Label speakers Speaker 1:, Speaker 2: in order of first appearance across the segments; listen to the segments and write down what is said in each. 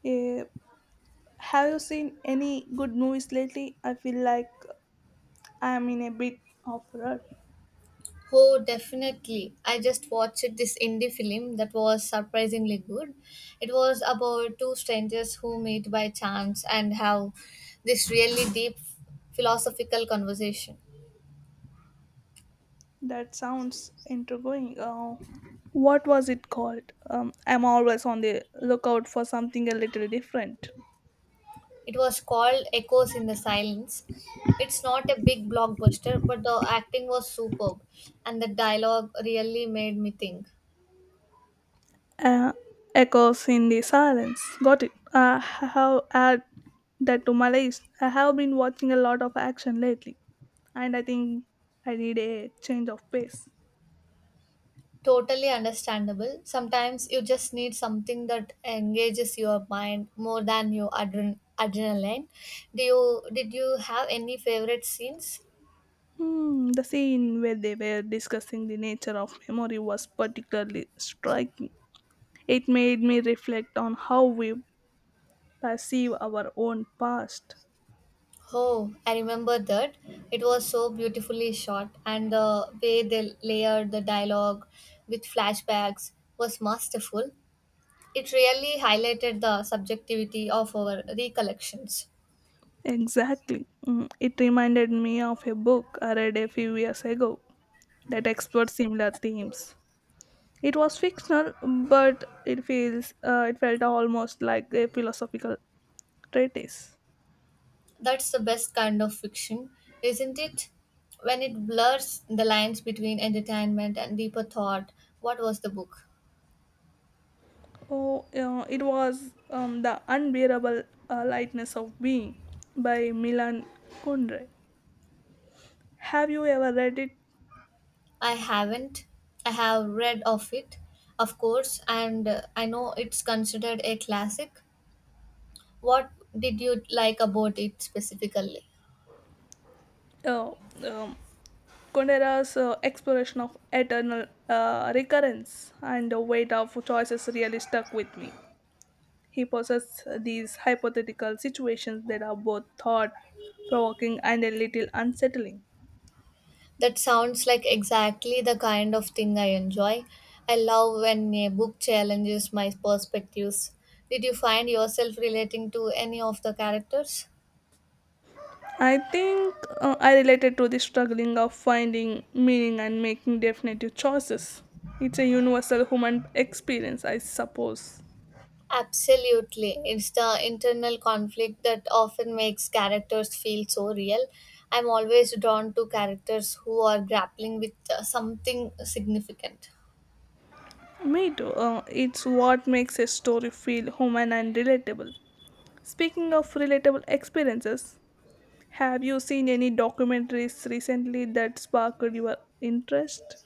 Speaker 1: Yeah. Have you seen any good movies lately? I feel like I'm in a bit of rut.
Speaker 2: Oh, definitely. I just watched this indie film that was surprisingly good. It was about two strangers who meet by chance and have this really deep philosophical conversation.
Speaker 1: That sounds intriguing. What was it called? I'm always on the lookout for something a little different.
Speaker 2: It was called Echoes in the Silence. It's not a big blockbuster, but the acting was superb and the dialogue really made me think.
Speaker 1: Uh, Echoes in the silence. Got it. I have add that to my list. I have been watching a lot of action lately, and I think I need a change of pace.
Speaker 2: Totally understandable. Sometimes you just need something that engages your mind more than your adrenaline. Do you Did you have any favorite scenes?
Speaker 1: Hmm, the scene where they were discussing the nature of memory was particularly striking. It made me reflect on how we perceive our own past.
Speaker 2: Oh, I remember that. It was so beautifully shot, and the way they layered the dialogue with flashbacks was masterful. It really highlighted the subjectivity of our recollections.
Speaker 1: Exactly. Mm, it reminded me of a book I read a few years ago that explored similar themes. It was fictional, but it felt almost like a philosophical treatise.
Speaker 2: That's the best kind of fiction, isn't it? When it blurs the lines between entertainment and deeper thought. What was the book?
Speaker 1: Oh, it was The Unbearable Lightness of Being by Milan Kundera. Have you ever read it?
Speaker 2: I haven't. I have read of it, of course, and I know it's considered a classic. What did you like about it specifically?
Speaker 1: Uh, um, Kundera's exploration of eternal recurrence and the weight of choices really stuck with me. He posits these hypothetical situations that are both thought provoking and a little unsettling.
Speaker 2: That sounds like exactly the kind of thing I enjoy. I love when a book challenges my perspectives. Did you find yourself relating to any of the characters?
Speaker 1: I think I related to the struggling of finding meaning and making definitive choices. It's a universal human experience, I suppose.
Speaker 2: Absolutely. It's the internal conflict that often makes characters feel so real. I'm always drawn to characters who are grappling with something significant.
Speaker 1: Me too. It's what makes a story feel human and relatable. Speaking of relatable experiences, have you seen any documentaries recently that sparked your interest?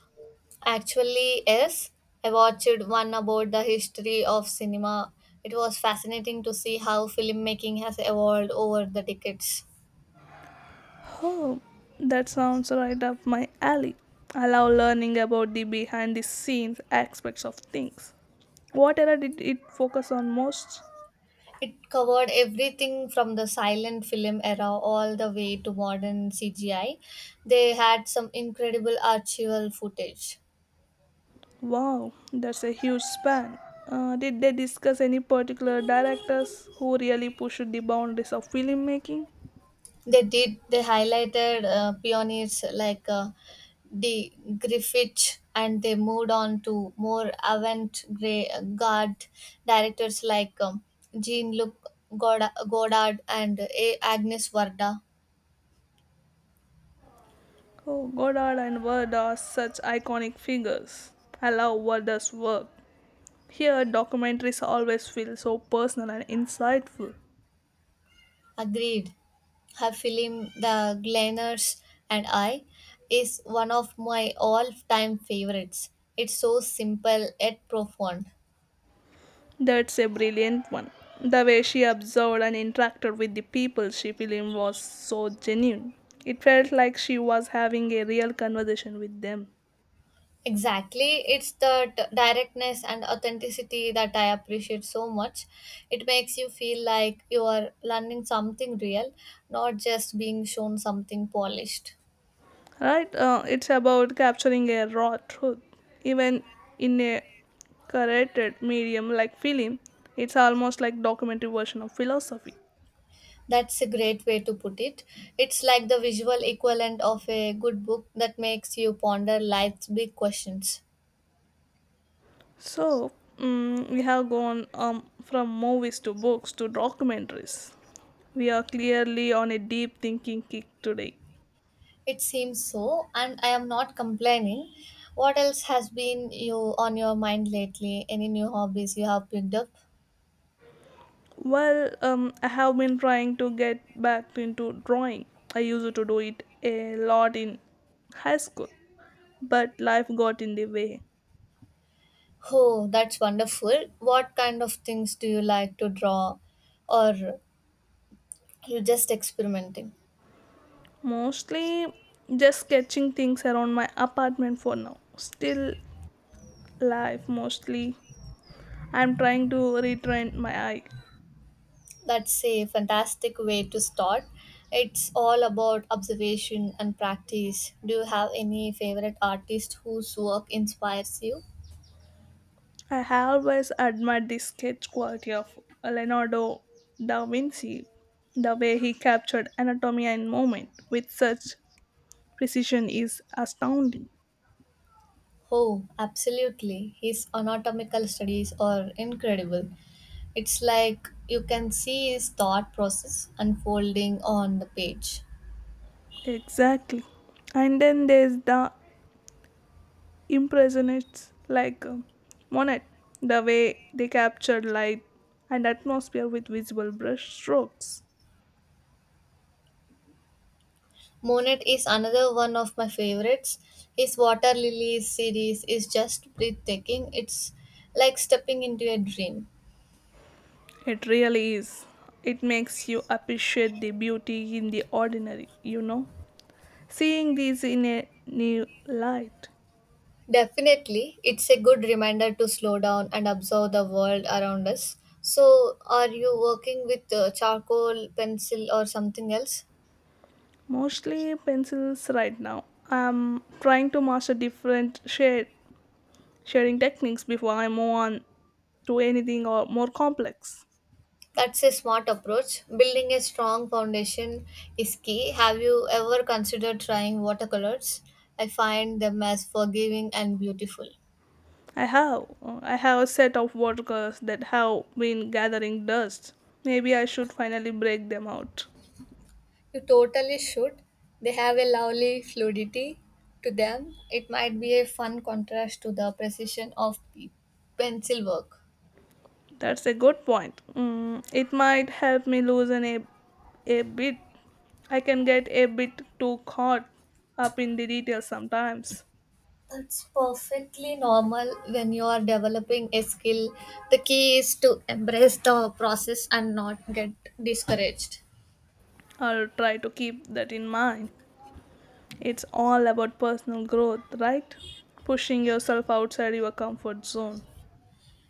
Speaker 2: Actually, yes, I watched one about the history of cinema. It was fascinating to see how filmmaking has evolved over the decades.
Speaker 1: Oh, that sounds right up my alley. I love learning about the behind the scenes aspects of things. What era did it focus on most?
Speaker 2: It covered everything from the silent film era all the way to modern CGI. They had some incredible archival footage.
Speaker 1: Wow, that's a huge span. Did they discuss any particular directors who really pushed the boundaries of filmmaking?
Speaker 2: They did. They highlighted pioneers like De Griffith, and they moved on to more avant-garde directors like Jean-Luc Godard and A. Agnes Varda.
Speaker 1: Oh, Godard and Ward are such iconic figures. I love Ward's work. Here, documentaries always feel so personal and insightful.
Speaker 2: Agreed. Her film The Gleaners and I is one of my all-time favorites. It's so simple yet profound.
Speaker 1: That's a brilliant one. The way she observed and interacted with the people she filmed was so genuine. It felt like she was having a real conversation with them.
Speaker 2: Exactly. It's the directness and authenticity that I appreciate so much. It makes you feel like you are learning something real, not just being shown something polished.
Speaker 1: Right? It's about capturing a raw truth, even in a curated medium like film. It's almost like documentary version of philosophy.
Speaker 2: That's a great way to put it. It's like the visual equivalent of a good book that makes you ponder life's big questions.
Speaker 1: So we have gone from movies to books to documentaries. We are clearly on a deep thinking kick today.
Speaker 2: It seems so, and I am not complaining. What else has been you on your mind lately? Any new hobbies you have picked up?
Speaker 1: Well, I have been trying to get back into drawing. I used to do it a lot in high school, but life got in the way.
Speaker 2: Oh, that's wonderful. What kind of things do you like to draw? Or you're just experimenting?
Speaker 1: Mostly just sketching things around my apartment for now. Still life mostly. I'm trying to retrain my eye.
Speaker 2: That's a fantastic way to start. It's all about observation and practice. Do you have any favorite artist whose work inspires you?
Speaker 1: I have always admired the sketch quality of Leonardo da Vinci. The way he captured anatomy and movement with such precision is astounding.
Speaker 2: Oh, absolutely. His anatomical studies are incredible. It's like you can see his thought process unfolding on the page.
Speaker 1: Exactly. And then there's the impressionists like Monet, the way they captured light and atmosphere with visible brush strokes.
Speaker 2: Monet is another one of my favorites. His Water Lilies series is just breathtaking. It's like stepping into a dream.
Speaker 1: It really is. It makes you appreciate the beauty in the ordinary, you know. Seeing these in a new light.
Speaker 2: Definitely, it's a good reminder to slow down and observe the world around us. So, are you working with charcoal, pencil, or something else?
Speaker 1: Mostly pencils right now. I'm trying to master different shade shading techniques before I move on to anything or more complex.
Speaker 2: That's a smart approach. Building a strong foundation is key. Have you ever considered trying watercolors? I find them as forgiving and beautiful.
Speaker 1: I have. I have a set of workers that have been gathering dust. Maybe I should finally break them out.
Speaker 2: You totally should. They have a lovely fluidity to them. It might be a fun contrast to the precision of pencil work.
Speaker 1: That's a good point. Mm, it might help me loosen a bit. I can get a bit too caught up in the details sometimes.
Speaker 2: It's perfectly normal when you are developing a skill. The key is to embrace the process and not get discouraged.
Speaker 1: I'll try to keep that in mind. It's all about personal growth, right? Pushing yourself outside your comfort zone.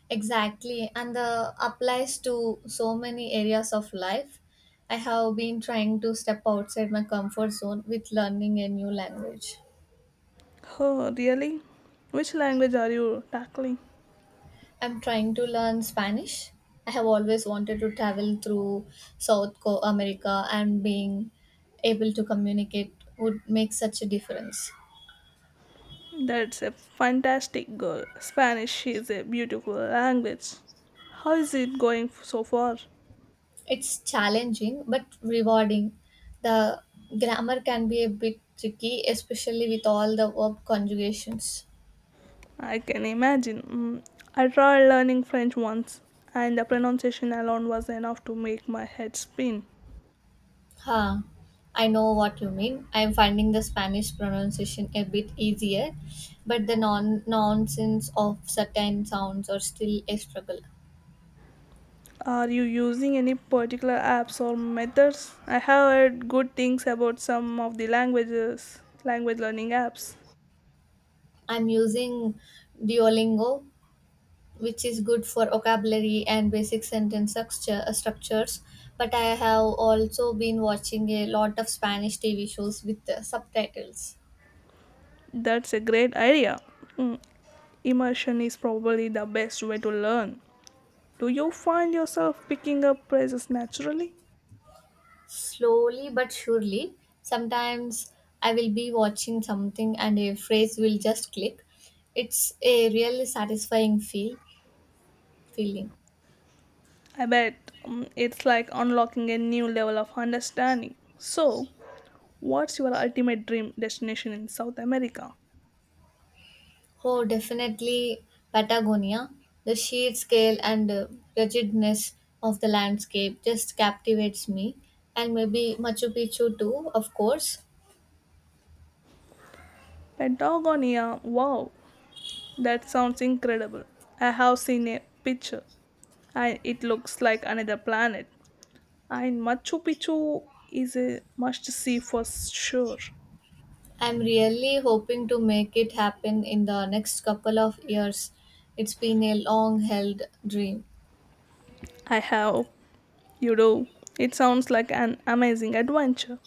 Speaker 2: Exactly, and the applies to so many areas of life. I have been trying to step outside my comfort zone with learning a new language.
Speaker 1: Oh, really? Which language are you tackling?
Speaker 2: I'm trying to learn Spanish. I have always wanted to travel through America and being able to communicate would make such a difference.
Speaker 1: That's a fantastic goal. Spanish is a beautiful language. How is it going so far?
Speaker 2: It's challenging but rewarding. The grammar can be a bit tricky, especially with all the verb conjugations.
Speaker 1: I can imagine. Mm, I tried learning French once, and the pronunciation alone was enough to make my head spin.
Speaker 2: Huh. I know what you mean. I'm finding the Spanish pronunciation a bit easier, but the nonsense of certain sounds are still a struggle.
Speaker 1: Are you using any particular apps or methods? I have heard good things about some of the language learning apps.
Speaker 2: I'm using Duolingo, which is good for vocabulary and basic sentence structure, structures. But I have also been watching a lot of Spanish TV shows with the subtitles.
Speaker 1: That's a great idea. Immersion is probably the best way to learn. Do you find yourself picking up phrases naturally?
Speaker 2: Slowly but surely, sometimes I will be watching something and a phrase will just click. It's a really satisfying feeling.
Speaker 1: I bet it's like unlocking a new level of understanding. So, what's your ultimate dream destination in South America?
Speaker 2: Oh, definitely Patagonia. The sheer scale and ruggedness of the landscape just captivates me. And maybe Machu Picchu too, of course.
Speaker 1: Patagonia, wow, that sounds incredible. I have seen a picture and it looks like another planet. And Machu Picchu is a must see for sure.
Speaker 2: I'm really hoping to make it happen in the next couple of years. It's been a long held dream.
Speaker 1: I have, you know, it sounds like an amazing adventure.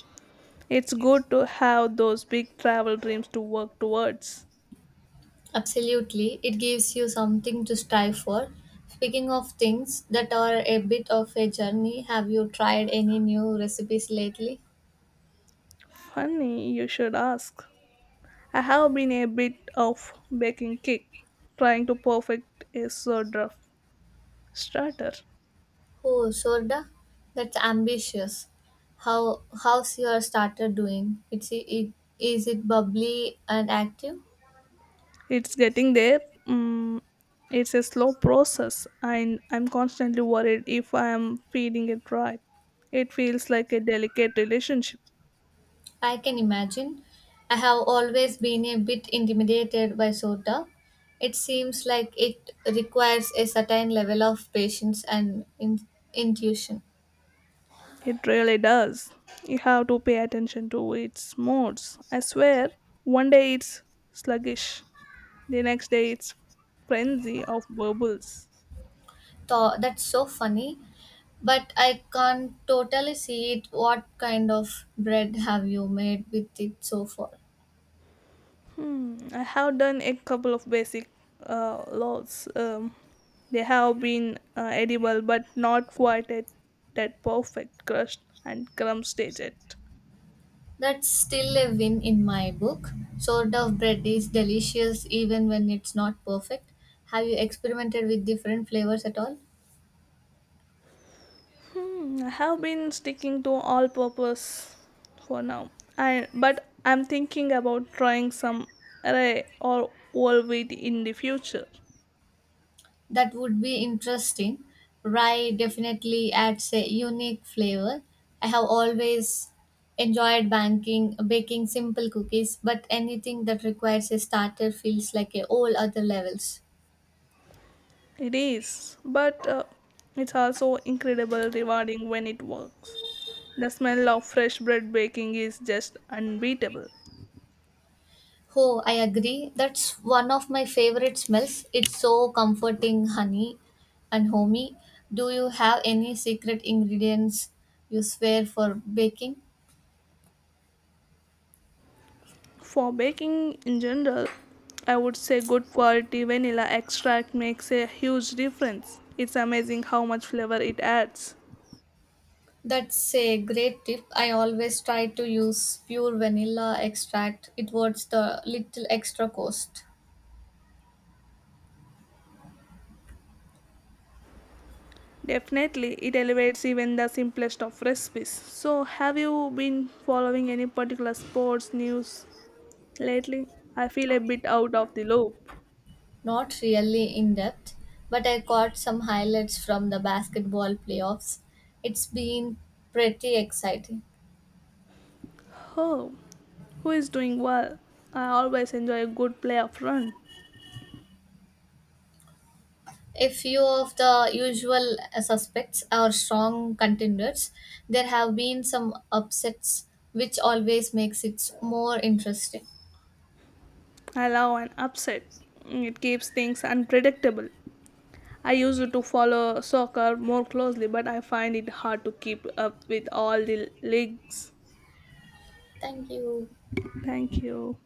Speaker 1: It's good to have those big travel dreams to work towards.
Speaker 2: Absolutely, it gives you something to strive for. Speaking of things that are a bit of a journey, have you tried any new recipes lately?
Speaker 1: Funny, you should ask. I have been a bit of baking cake, trying to perfect a sort of starter.
Speaker 2: Oh, Sorda, that's ambitious. How's your starter doing? Is it bubbly and active?
Speaker 1: It's getting there. Mm, it's a slow process, and I'm constantly worried if I am feeding it right. It feels like a delicate relationship.
Speaker 2: I can imagine. I have always been a bit intimidated by Sorda. It seems like it requires a certain level of patience and intuition.
Speaker 1: It really does. You have to pay attention to its moods. I swear, one day it's sluggish, the next day, it's frenzy of bubbles.
Speaker 2: That's so funny, but I can't totally see it. What kind of bread have you made with it so far?
Speaker 1: Hmm, I have done a couple of basic laws. They have been edible, but not quite at that perfect crust and crumb stage yet.
Speaker 2: That's still a win in my book. Sort of bread is delicious even when it's not perfect. Have you experimented with different flavors at all?
Speaker 1: Hmm, I have been sticking to all purpose for now. But I'm thinking about trying some array or whole wheat in the future.
Speaker 2: That would be interesting. Rye definitely adds a unique flavor. I have always enjoyed baking simple cookies, but anything that requires a starter feels like a whole other levels.
Speaker 1: It is, but it's also incredibly rewarding when it works. The smell of fresh bread baking is just unbeatable.
Speaker 2: Oh, I agree. That's one of my favorite smells. It's so comforting, honey and homey. Do you have any secret ingredients you swear for baking?
Speaker 1: For baking in general, I would say good quality vanilla extract makes a huge difference. It's amazing how much flavor it adds.
Speaker 2: That's a great tip. I always try to use pure vanilla extract. It was the little extra cost.
Speaker 1: Definitely, it elevates even the simplest of recipes. So, have you been following any particular sports news lately? I feel a bit out of the loop.
Speaker 2: Not really in depth, but I caught some highlights from the basketball playoffs. It's been pretty exciting.
Speaker 1: Oh, who is doing well? I always enjoy a good playoff run.
Speaker 2: A few of the usual suspects are strong contenders. There have been some upsets, which always makes it more interesting.
Speaker 1: Allow an upset. It keeps things unpredictable. I used to follow soccer more closely, but I find it hard to keep up with all the leagues.
Speaker 2: Thank you.
Speaker 1: Thank you.